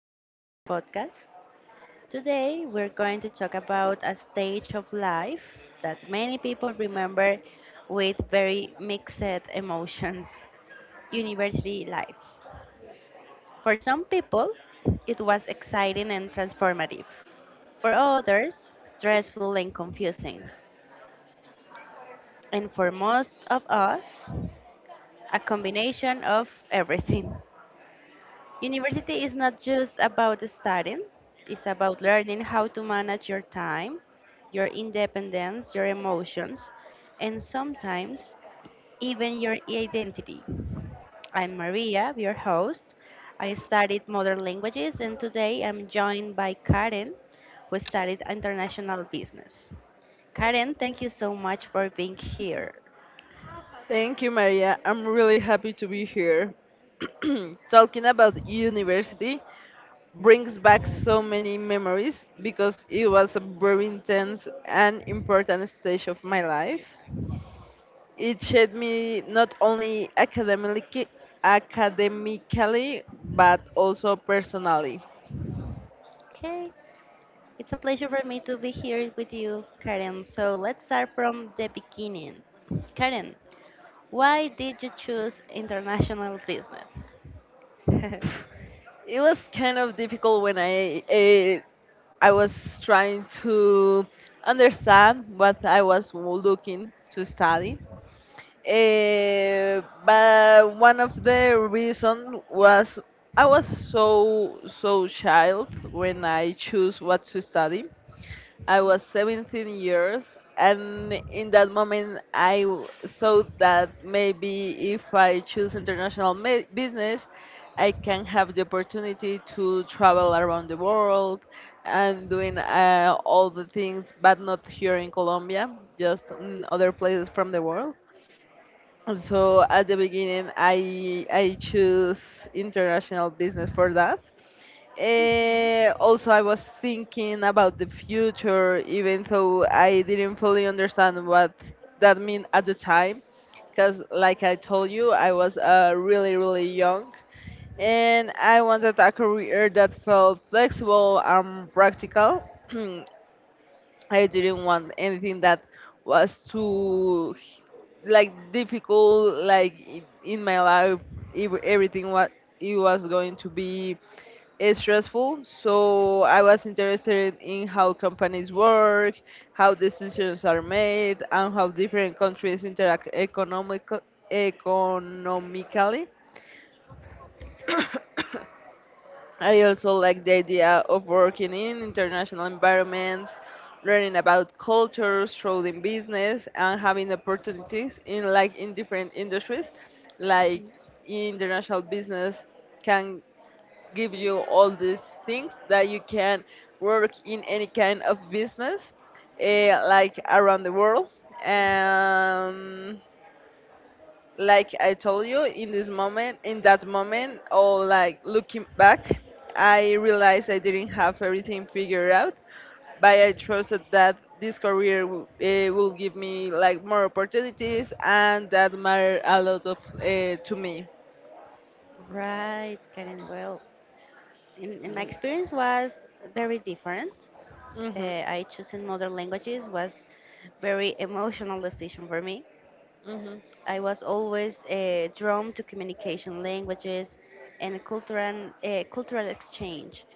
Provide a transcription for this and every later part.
to our podcast. Today, we're going to talk about a stage of life that many people remember with very mixed emotions: university life. For some people, it was exciting and transformative. For others, stressful and confusing. And for most of us, a combination of everything. University is not just about studying, it's about learning how to manage your time, your independence, your emotions, and sometimes even your identity. I'm Maria, your host. I studied modern languages, and today I'm joined by Karen, who studied international business. Karen, thank you so much for being here. Thank you, Maria. I'm really happy to be here. Talking about university brings back so many memories because it was a very intense and important stage of my life. It shaped me not only academically, but also personally. Okay, it's a pleasure for me to be here with you, Karen. So let's start from the beginning. Karen, why did you choose international business? It was kind of difficult when I was trying to understand what I was looking to study. But one of the reason was I was so child when I choose what to study. I was 17 years, and in that moment, thought that maybe if I choose international business, I can have the opportunity to travel around the world and doing all the things, but not here in Colombia, just in other places from the world. So at the beginning, I choose international business for that. Also, I was thinking about the future, even though I didn't fully understand what that meant at the time, because like I told you, I was really young, and I wanted a career that felt flexible and practical. I didn't want anything that was like difficult, like in my life everything what it was going to be stressful. So I was interested in how companies work, how decisions are made, and how different countries interact economically. I also like the idea of working in international environments, learning about cultures, growing business, and having opportunities in different industries. Like international business can give you all these things, that you can work in any kind of business, like around the world. Um, like I told you, in this moment, in that moment, or like looking back, I realized I didn't have everything figured out, but I trusted that this career will give me like more opportunities, and that matter a lot of to me. Right, Karen. Well, in my Mhm. experience was very different. Uh, Mhm. I choosing modern languages was very emotional decision for me. I was always drawn to communication languages and cultural exchange.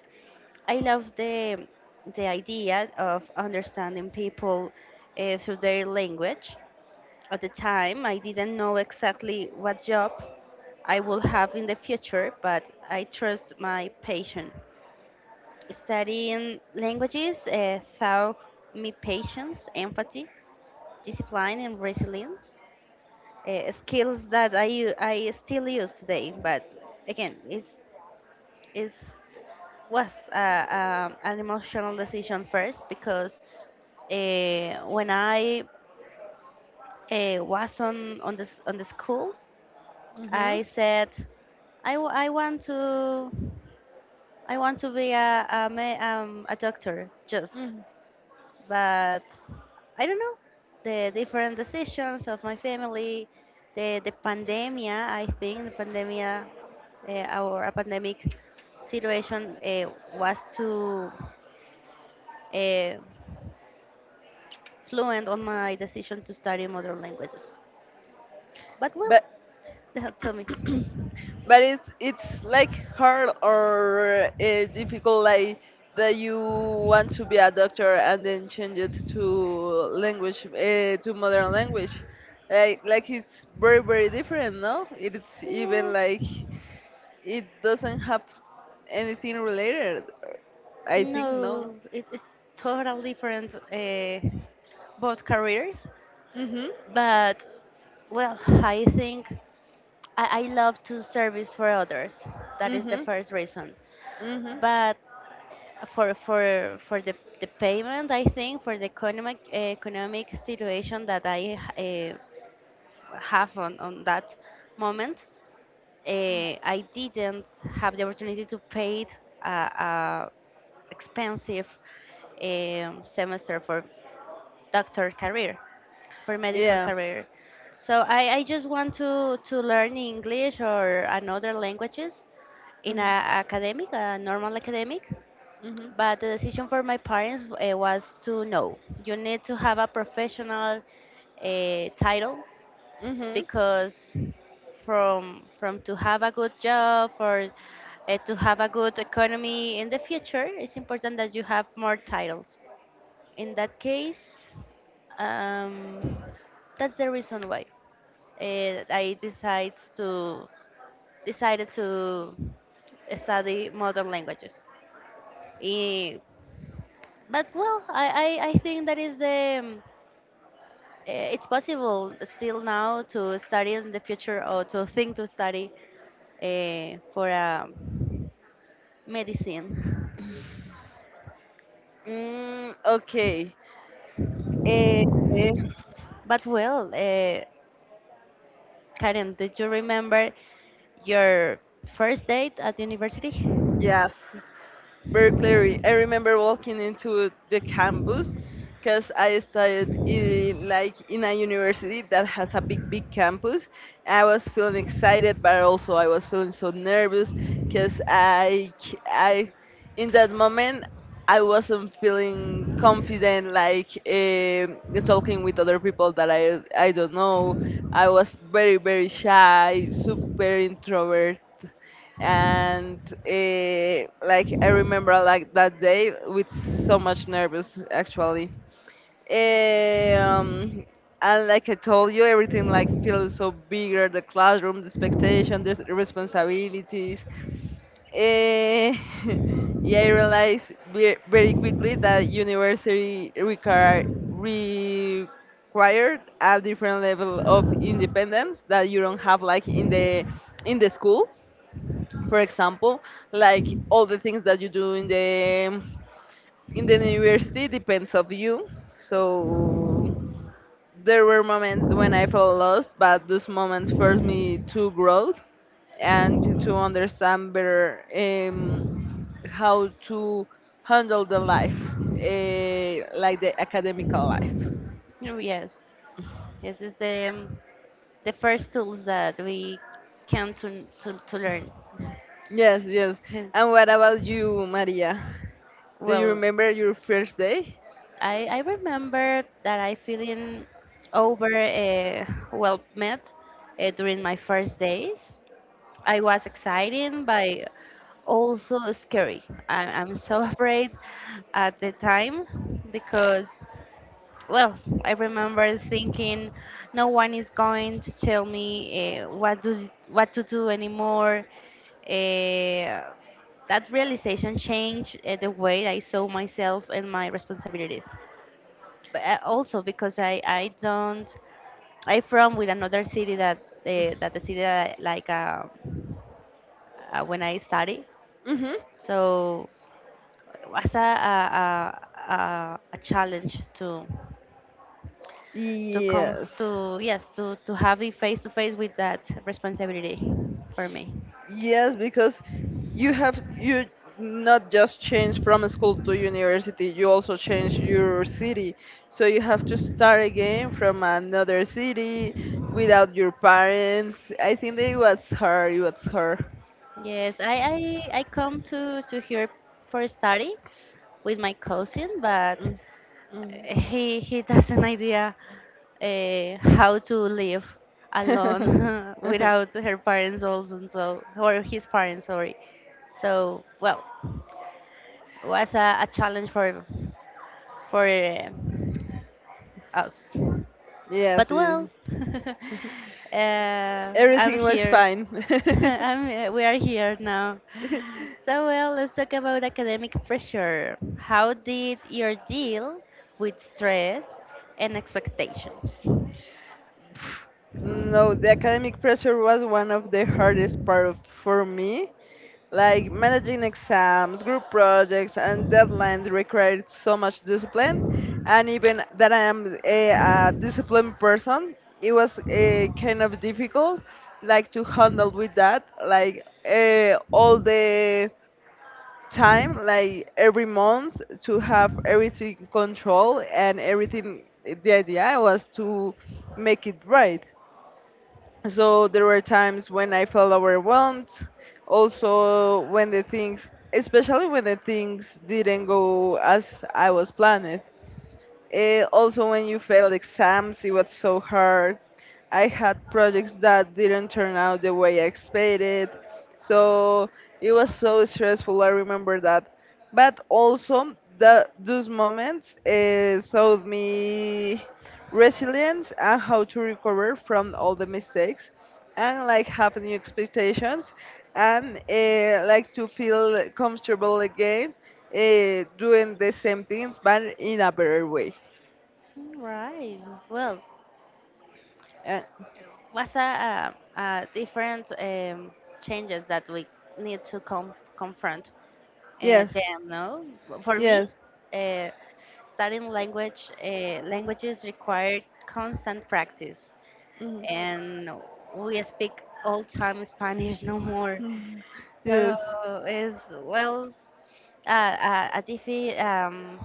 I love the idea of understanding people through their language. At the time, I didn't know exactly what job I will have in the future, but I trust my passion. Studying languages taught me patience, empathy, discipline, and resilience. Skills that I still use today, but again, it's was an emotional decision first because when I was on this on the school. Mhm. I said, I, w- I want to I want to be a doctor just, Mhm. but I don't know the different decisions of my family, the pandemia. I think the pandemia or a pandemic situation was too uh, fluent on my decision to study modern languages. But well, But tell me. but it's like hard or difficult, like that you want to be a doctor and then change it to language, to modern language. Like it's very different, no? It's even Yes. like it doesn't have anything related, I think, no. No, it is totally different, both careers. Mhm. But, well, I think I love to service for others. That is the Mhm. first reason. Mhm. But for the payment, I think for the economic situation that I have on that moment, I didn't have the opportunity to pay a expensive semester for doctor career, for medical Yeah. career. So I just want to learn English or another languages in a Mhm. academic, a normal academic. Mhm. But the decision for my parents was to no. You need to have a professional title Mhm. because from to have a good job or to have a good economy in the future, it's important that you have more titles. In that case, um, that's the reason why I decided to study modern languages. Eh, but well, I think that is the it's possible still now to study in the future or to think to study for medicine. Mm, okay. Eh, eh, But well, Karen, did you remember your first date at university? yes, very clearly. I remember walking into the campus because I studied in, like in a university that has a big, big campus. I was feeling excited, but also I was feeling so nervous because in that moment, I wasn't feeling confident, like talking with other people that I don't know. I was very, very shy, super introvert, and like I remember like that day with so much nervous, actually. Eh, um, and like I told you, everything like feels so bigger: the classroom, the expectation, the responsibilities. Eh, yeah, I realized very quickly that university required a different level of independence that you don't have like in the school, for example. Like all the things that you do in the university depends of you. So there were moments when I felt lost, but those moments forced me to growth and to understand better, how to handle the life, like the academical life. Oh, yes, this is the first tools that we can to to learn. Yes, yes. Yes. And what about you, Maria? Do you Well, remember your first day? I remember that I feeling over well met during my first days. I was exciting, but also scary. I'm so afraid at the time because, well, I remember thinking no one is going to tell me what to do anymore. Uh, that realization changed the way I saw myself and my responsibilities, but also because I don't I from with another city that the city that like when I study, Mm-hmm. so it was a challenge to come Yes. to, yes, to have it face to face with that responsibility for me. Yes, because you not just change from school to university, you also change your city. So you have to start again from another city without your parents. I think that it was hard. It was hard. Yes, I come to here for study with my cousin, but Mm, mm. he has an idea how to live alone without her parents also, and so or his parents, sorry. So well, was a challenge for for uh, us. Yes, But yes. well, uh, I'm Everything was here. fine. We are here now. So well, let's talk about academic pressure. How did you deal with stress and expectations? No, the academic pressure was one of the hardest part of, for me. Like managing exams, group projects, and deadlines required so much discipline. And even that I am a disciplined person, it was kind of difficult, like to handle with that, like all the time, like every month, to have everything control and everything. The idea was to make it right. So there were times when I felt overwhelmed. Also, when the things, especially when the things didn't go as I was planning. Also, when you failed exams, it was so hard. I had projects that didn't turn out the way I expected. So it was so stressful. I remember that. But also, those moments taught me resilience and how to recover from all the mistakes and like have new expectations, and like to feel comfortable again, doing the same things but in a better way. Right. Well, Uh, what's a, different changes that we need to confront yes, them? No, for me, yes, uh, Studying languages require constant practice, mhm, and we speak all time Spanish no more. mhm, yes. So is well, a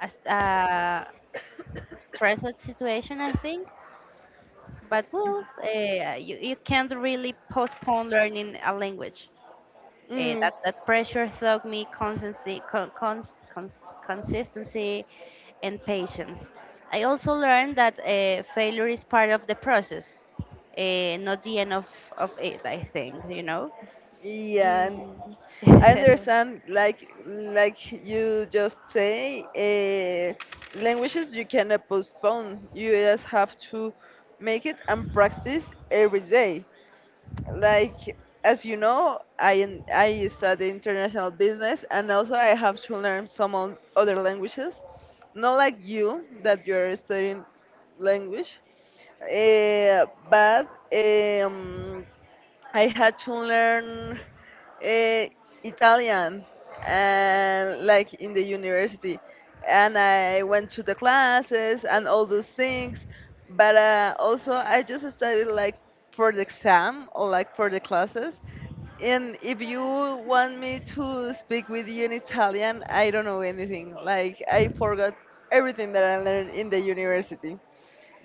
a, s- uh, stressful situation, I think. But well, you can't really postpone learning a language. Mm, That pressure taught me constancy, consistency and patience. I also learned that failure is part of the process, not the end of it. I think. yeah. And Mm. I understand. Like you just say, languages you cannot postpone. You just have to make it and practice every day. Like, as you know, I study international business, and also I have to learn some other languages. Not like you that you're studying language. But um, I had to learn uh, Italian and like in the university, and I went to the classes and all those things. But also, I just studied like for the exam or like for the classes. And if you want me to speak with you in Italian, I don't know anything. Like I forgot everything that I learned in the university,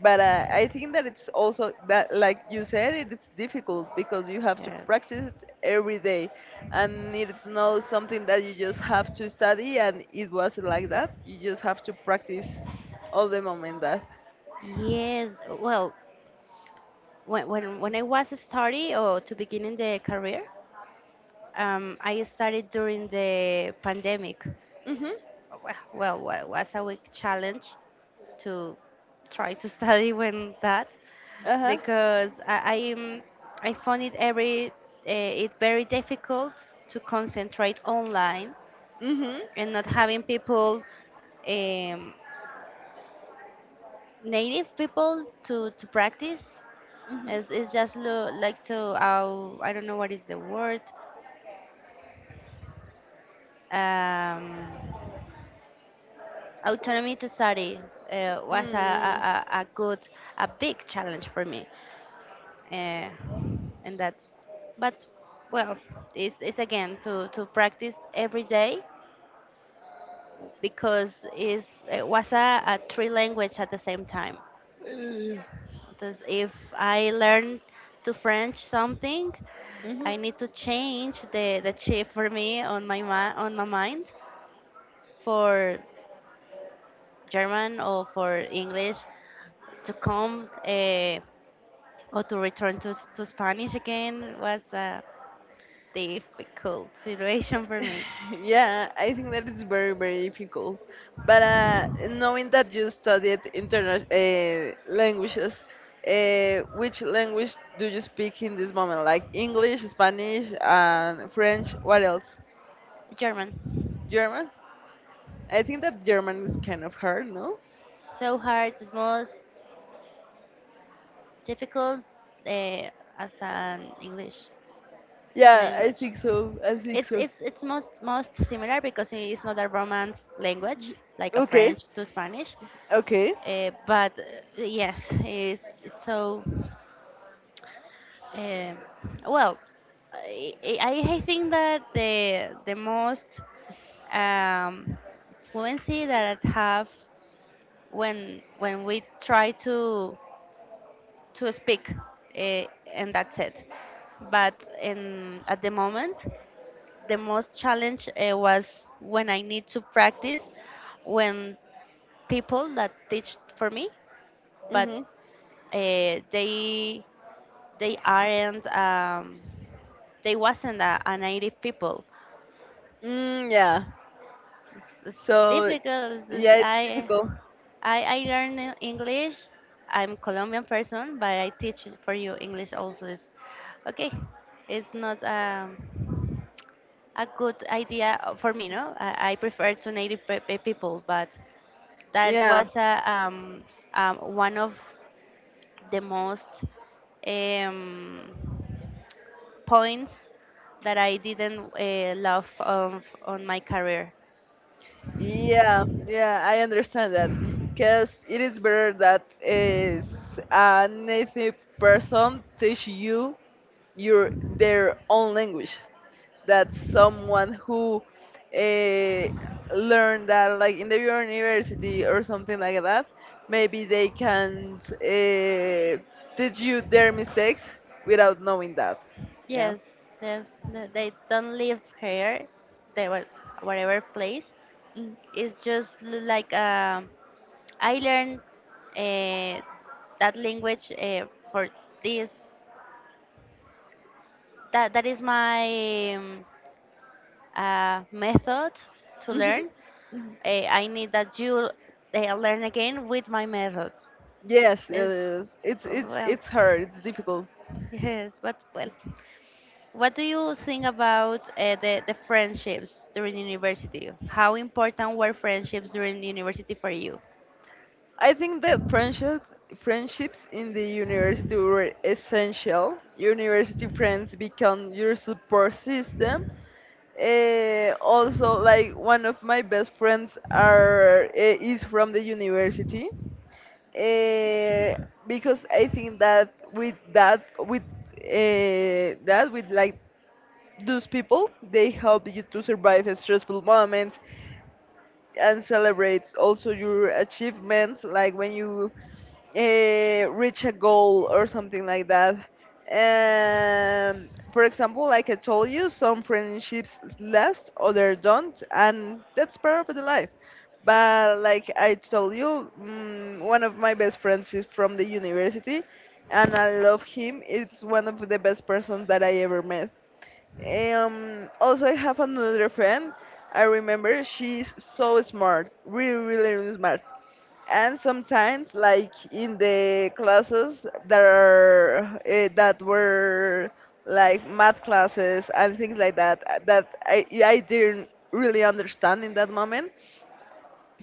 but I think that it's also that, like you said, it is difficult because you have to Yes. practice it every day, and it's not something that you just have to study. And it wasn't like that. You just have to practice all the moment that. Yes. Well, when I was studying or to beginning the career, I started during the pandemic. Mhm. Well, was a big challenge to try to study when that Uh huh. because I found it every it very difficult to concentrate online Mhm. and not having people, um, native people to practice. Mhm. It's just like to, I don't know what is the word, um, autonomy to study was Mm. A good a big challenge for me uh, and that, but well, it's again to practice every day because it was a three language at the same time, Mm. because if I learn to French something, Mhm. I need to change the chip for me on my mind for German or for English to come, or to return to Spanish again was difficult situation for me. Yeah, I think that is very, very difficult. But knowing that you studied international languages, which language do you speak in this moment? Like English, Spanish, and French. What else? German, German? I think that German is kind of hard, no? so hard, it's most difficult uh, as an English Yeah, I language. think so. I think It's so. it's it's most most similar because it's not a Romance language like a Okay. French to Spanish, Okay. But yes, it's so uh, well. I think that the most um, fluency that I have when we try to speak, uh, and that's it. But in at the moment the most challenge was when I need to practice when people that teach for me, but Mhm. uh, they they aren't um, they wasn't a native people. Mm, yeah. It's So difficult. it's, it's- yeah, it's i difficult. I, I learn English. I'm Colombian person, but I teach for you English also. Is okay. It's not a good idea for me, no? I prefer to native people, but that Yeah. was one of the most um, points that I didn't love of, on my career. Yeah, yeah, I understand that. Because it is better that is a native person teach you your their own language. That someone who uh, learned that like in the university or something like that, maybe they can teach you their mistakes without knowing that. Yeah. Yes, yes, they don't live here. They were whatever place. It's just like, I learned uh, that language for this. That is my method to Mm-hmm. learn. I need that you learn again with my method. Yes, yes, Is yes. It's it's well, it's hard. It's difficult. yes, but well, what do you think about the friendships during university? How important were friendships during university for you? I think that friendships in the university were essential. University friends become your support system. Also, like one of my best friends is from the university. Eh, because I think that with like those people, they help you to survive stressful moments and celebrates also your achievements, like when you reach a goal or something like that. For example, like I told you, some friendships last, others don't, and that's part of the life. But like I told you, one of my best friends is from the university, and I love him. It's one of the best persons that I ever met. Also, I have another friend. I remember she's so smart, really, really, really smart. And sometimes, like in the classes that are that were like math classes and things like that, that I didn't really understand in that moment,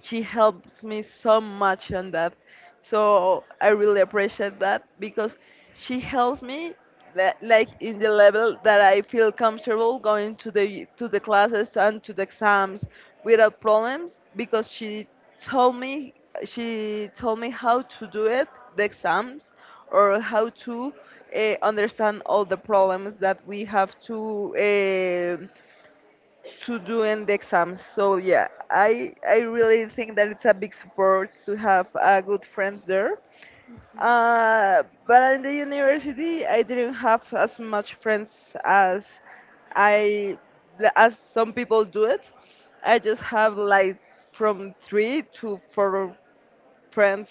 she helps me so much on that. So I really appreciate that because she helps me, like in the level that I feel comfortable going to the classes and to the exams without problems, because told me she told me how to do it, the exams, or how to understand all the problems that we have to doing the exams. So yeah, I really think that it's a big support to have good friends there. But in the university, I didn't have as much friends as I as some people do it. I just have like from three to four friends,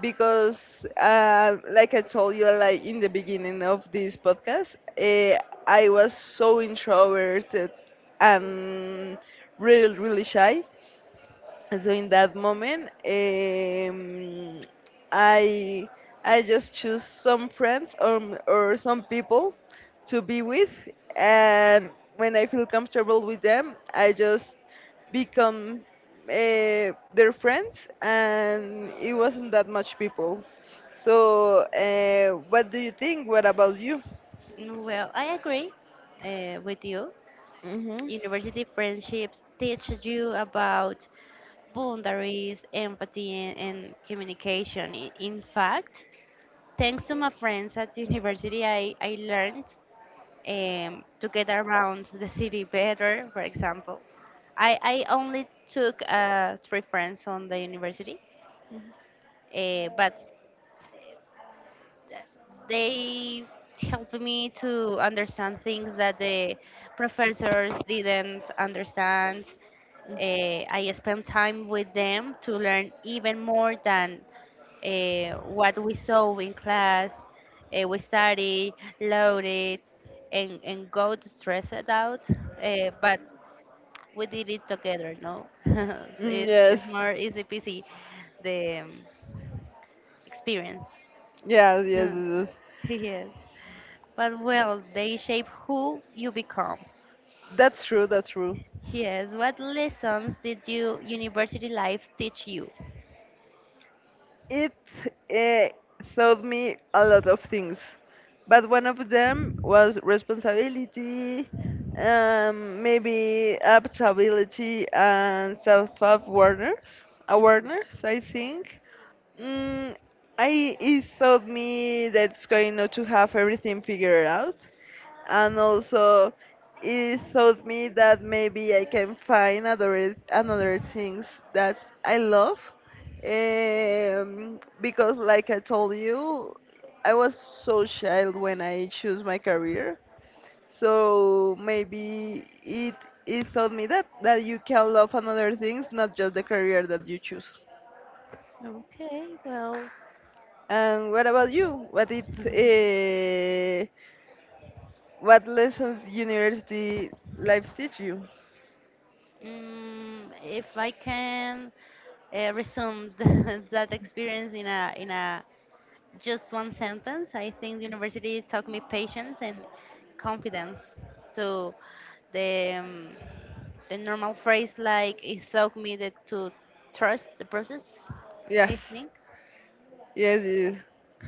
because like I told you like in the beginning of this podcast, I was so introverted and really shy. So in that moment, i I just choose some friends, or, or some people to be with, and when I feel comfortable with them, I just become, their friends, and it wasn't that much people. So what do you think? What about you? Well, I agree with you. Mm-hmm. University friendships teach you about boundaries, empathy, and, communication. In fact, thanks to my friends at university, I learned to get around the city better, for example. I only took three friends on the university, but they helped me to understand things that the professors didn't understand. I spent time with them to learn even more than what we saw in class. We study, load it, and go to stress it out. But we did it together, no? So it's, Yes, it's more easy peasy, the experience. yes, yes, Yeah. yes, yes. Yes. But well, they shape who you become. That's true. That's true. Yes, what lessons did you university life teach you? It uh, taught me a lot of things, but one of them was responsibility, maybe adaptability and self-awareness. Awareness, I think. Mm, I it taught me that it's going not to have everything figured out, and also it taught me that maybe I can find other another things that I love. Because like I told you, I was so shy when I choose my career. So maybe it taught me that you can love another things, not just the career that you choose. Okay, well, And what about you? What it uh, what lessons university life teach you? If I can resume that experience in a just one sentence, I think university taught me patience and confidence. To the um, the normal phrase like it taught me that to trust the process. Yes. I think. Yes, yes,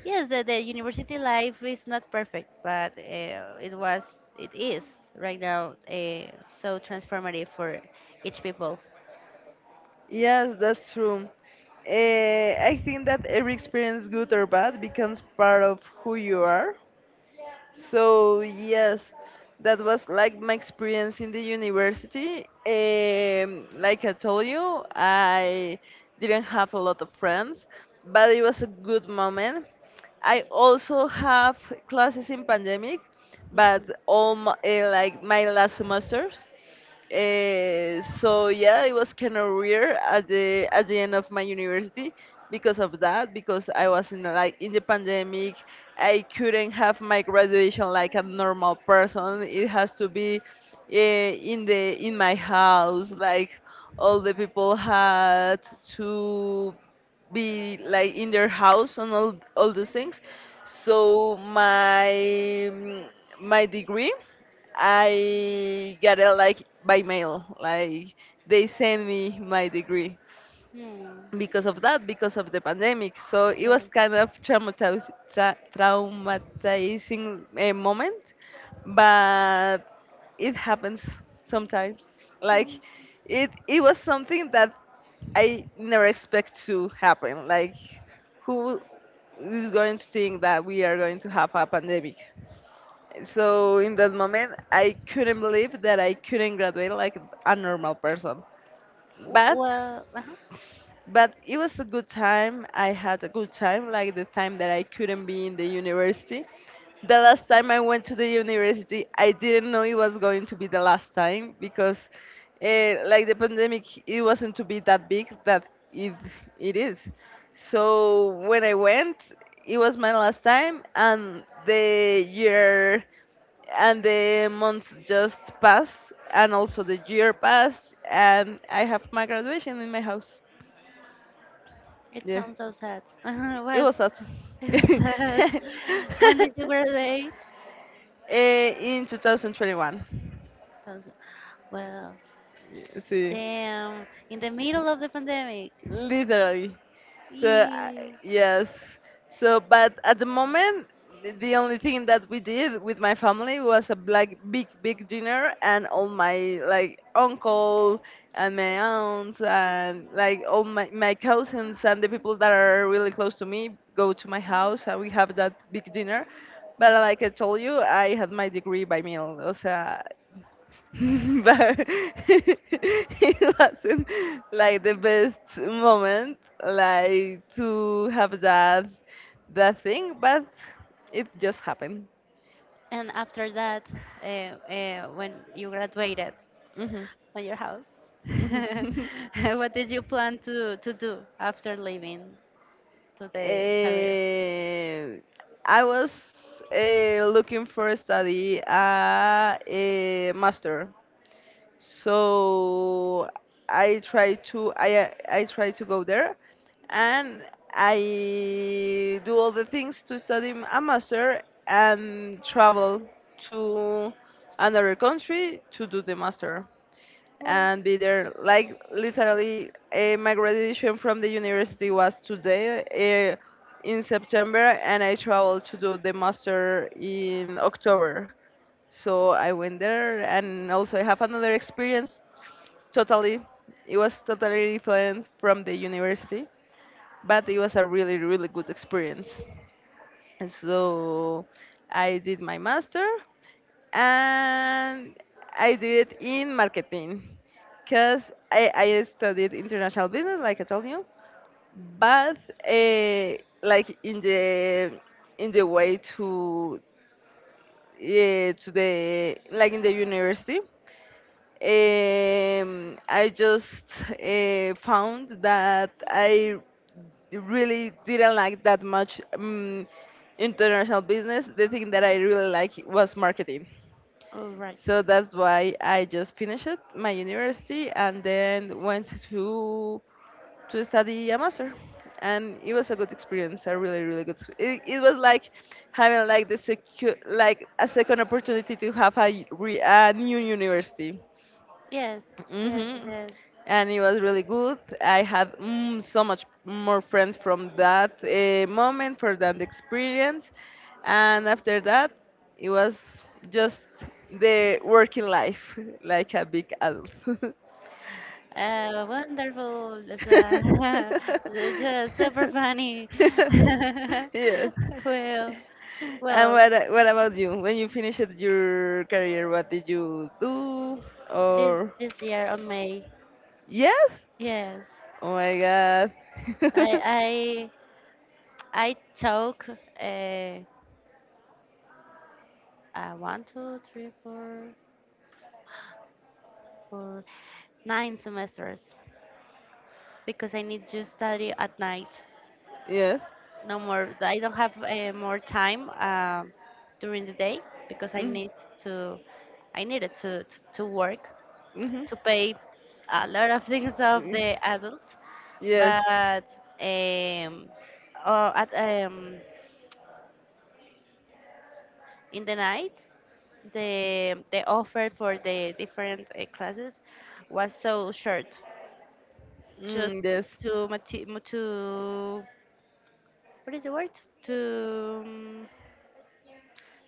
Yes, the university life is not perfect, but it was, it is right now so transformative for each people. yes, that's true. Eh, I think that every experience, good or bad, becomes part of who you are. So yes, that was like my experience in the university. Like I told you, I didn't have a lot of friends, but it was a good moment. I also have classes in pandemic, but all my, like my last semesters. So yeah, it was kind of weird at the end of my university because of that. Because I was in like in the pandemic, I couldn't have my graduation like a normal person. It has to be in the in my house. Like all the people had to be like in their house and all those things. So my mm, my degree, I got it like by mail. Like they send me my degree Hmm. because of that, because of the pandemic. So it was kind Yes. of traumatizing, traumatizing moment, but it happens sometimes. Like it was something that I never expect to happen. Like who is going to think that we are going to have a pandemic? So in that moment, I couldn't believe that I couldn't graduate like a normal person. But Well, uh-huh. but it was a good time. I had a good time, like the time that I couldn't be in the university. The last time I went to the university, I didn't know it was going to be the last time because, like the pandemic, it wasn't to be that big that it it is. So when I went, it was my last time, and the year and the months just passed, and also the year passed, and I have my graduation in my house. It Yeah, sounds so sad. Uh-huh, it was awesome. it was sad. When did you graduate? Eh, in 2021. Those- Well, Yeah. See. damn, in the middle of the pandemic. Literally. So, I Yeah. yes. So, but at the moment, the only thing that we did with my family was a like big, big dinner, and all my like uncle and my aunts and like all my cousins and the people that are really close to me go to my house, and we have that big dinner. But like I told you, I had my degree by mail. O sea, but it wasn't like the best moment like to have that thing but it just happened. And after that, uh, when you graduated Hmm. on your house, Hmm. what did you plan to do after leaving to the career? Eh, I was looking for a study, a master, so I try to I try to go there, and I do all the things to study a master and travel to another country to do the master Well, and be there. Like literally, my graduation from the university was today uh, in September, and I traveled to do the master in October. So I went there, and also I have another experience. Totally, it was totally different from the university, but it was a really, really good experience. So I did my master and I did it in marketing because I studied international business, like I told you, but uh, like in the way to the like in the university I just found that I really didn't like that much international business. The thing that I really like was marketing. all right. So that's why I just finished my university and then went to study a master. And it was a good experience, a really, really good. It was like having like the like a second opportunity to have a, a new university. Yes, yes, yes. Hmm. Yes. And it was really good. I had so much more friends from that moment, for that experience. And after that, it was just the working life, like a big adult. Wonderful. That's just super funny. Yes. Well, And well, what, what about you? When you finished your career, what did you do? this Or this year on May, yes? yes, Oh my god. I I took uh, one, two, three, four, four, nine semesters because I need to study at night. Yes. No more. I don't have more time during the day because I Mm. need to. I needed to work Mhm. to pay a lot of things of Mm. the adult. Yes. But um, oh, at in the night, the offer for the different classes was so short. Mm, Just yes. to, what is the word, to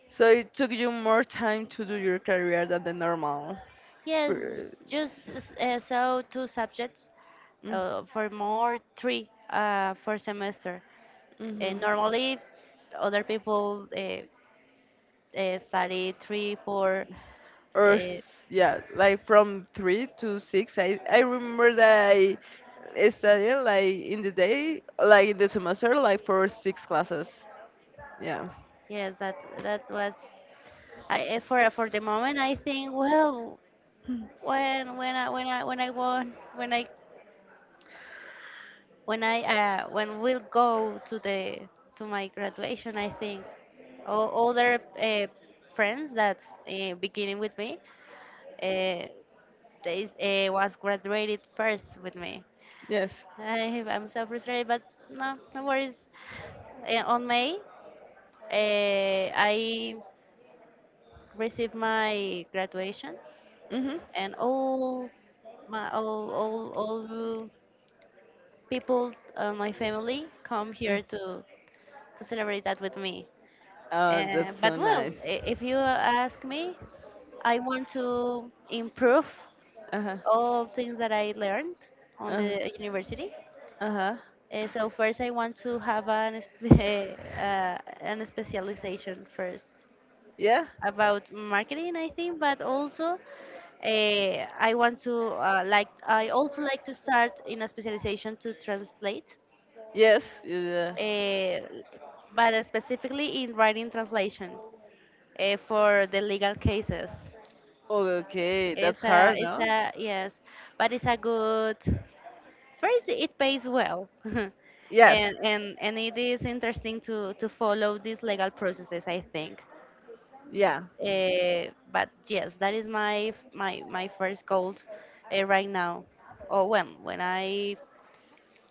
So it took you more time to do your career than the normal. yes, per- just so two subjects Mm. For more three for semester. And Mhm. normally other people study three four uh, Or yeah, like from three to six. I remember that I studied like in the day, like in the semester, like for six classes. Yeah. yes, that was for the moment. I think, well, when when I when I when I won when I when we'll go to my graduation, I think all other friends that beginning with me uh, they was graduated first with me. Yes. I'm so frustrated, but no, no worries. On May, I received my graduation, Mhm. and all my all people, my family come Mm. here to celebrate that with me. Oh, that's so But well, nice. If you ask me, I want to improve Uh huh. all things that I learned on Uh huh. the university. Uh huh. So first, I want to have an specialization first Yeah. about marketing, I think. But also I want to like, I also like to start in a specialization to translate Yes. Yeah. uh, but specifically in writing translation for the legal cases. Okay, that's hard, no? Yes, but it's a good. First, it pays well, Yes. and it is interesting to follow these legal processes, I think. Yeah. But yes, that is my f- my first goal right now. Or when I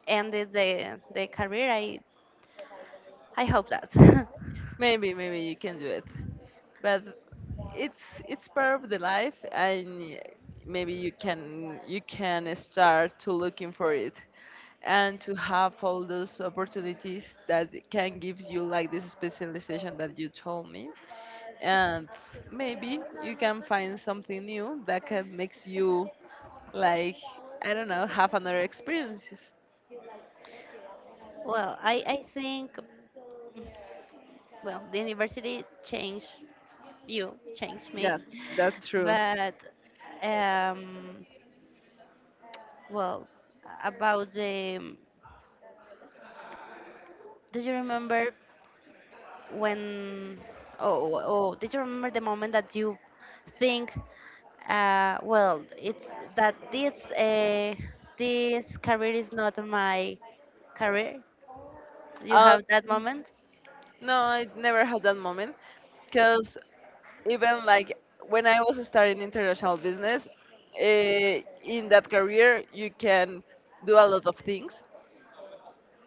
ended the career, I hope that. Maybe maybe you can do it. But it's it's part of the life and maybe you can start to looking for it and to have all those opportunities that can give you like this specialization that you told me and maybe you can find something new that can makes you like I don't know, have another experiences. Well, I think, well, the university changed you, changed me, Yeah, that's true. but um, well, about the, do you remember when, oh, oh, oh, did you remember the moment that you think, well, it's that this, uh, this career is not my career? You Um, have that moment? no, I never had that moment because even like when I was starting international business, in that career you can do a lot of things,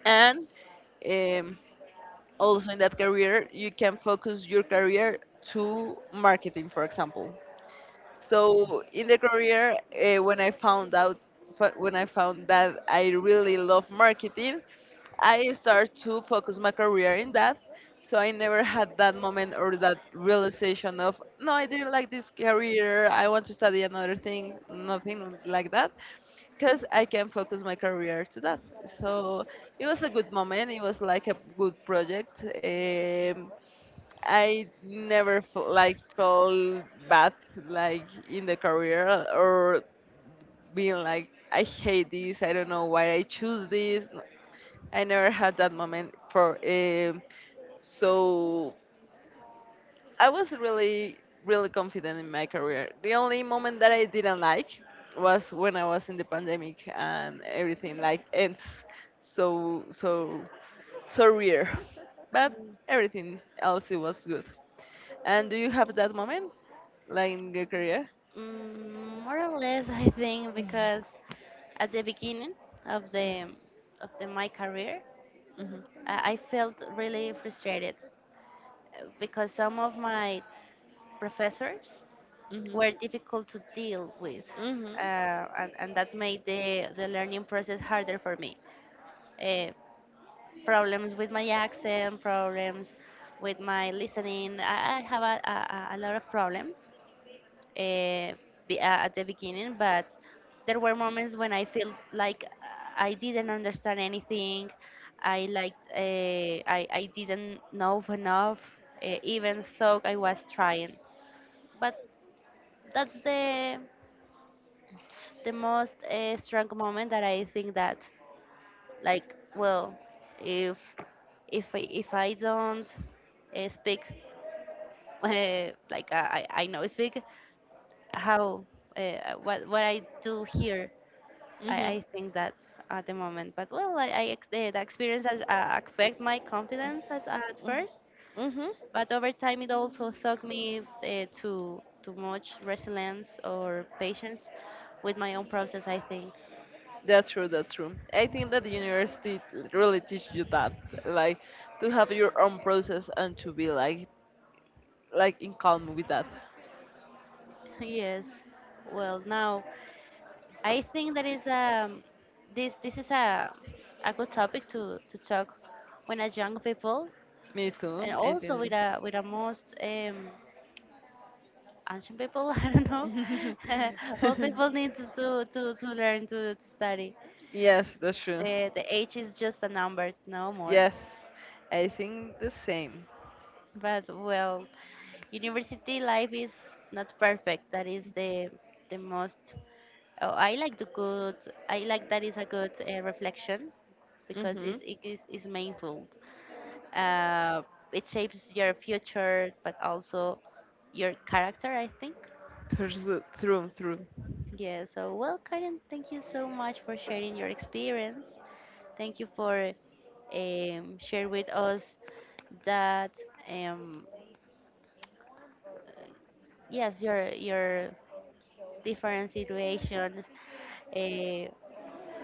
and um, also in that career you can focus your career to marketing, for example. So in the career, when I found out, when I found that I really love marketing, I started to focus my career in that. So I never had that moment or that realization of, no, I didn't like this career. I want to study another thing. Nothing like that, because I can focus my career to that. So it was a good moment. It was like a good project. I never felt bad like in the career or being like I hate this. I don't know why I choose this. I never had that moment for um, so I was really, really confident in my career. The only moment that I didn't like was when I was in the pandemic and everything like ends so, so, so rare. But everything else it was good. And do you have that moment, like in your career? Mm, more or less, I think, because at the beginning of the of my career, Mhm. I felt really frustrated because some of my professors Mhm. were difficult to deal with. Mhm. Uh, and, and that made the learning process harder for me. Uh, problems with my accent, problems with my listening. I have a lot of problems uh, at the beginning. But there were moments when I felt like I didn't understand anything. I liked, I didn't know enough, even though I was trying. But that's the most strong moment that I think that, like, well, if if I don't speak, like I know speak, how uh, what I do here. Mhm. I think that at the moment. But well, the experience has affect my confidence at first, Mm-hmm. but over time it also taught me to too much resilience or patience with my own process, I think. That's true. That's true. I think that the university really teach you that, like, to have your own process and to be like in calm with that. Yes. Well, now I think that is this is a good topic to talk when as young people, Me too. and I also with think. a most and some people, I don't know. All people need to learn to study. Yes, that's true. The age is just a number, no more. Yes, I think the same. But well, university life is not perfect. That is the most. Oh, I like the good. I like that is a good reflection, because Mhm. It's mindful. Uh, it shapes your future, but also your character, I think. Through, through, through. Yeah, so well, Karen, thank you so much for sharing your experience. Thank you for share with us that um, uh, yes, your different situations uh,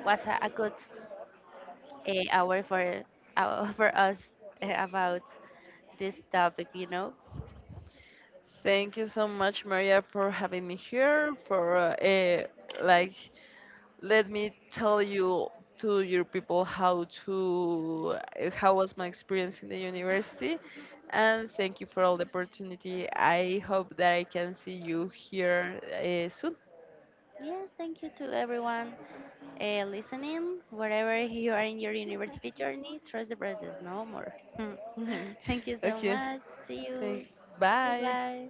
was a good hour for hour for us about this topic. Thank you so much, Maria, for having me here. For eh, like, let me tell you to your people how to eh, how was my experience in the university, and thank you for all the opportunity. I hope that I can see you here soon. Yes, thank you to everyone listening. Wherever you are in your university journey, trust the process, no more. Thank you so Okay. much. See you. Thank. Bye Bye. bye.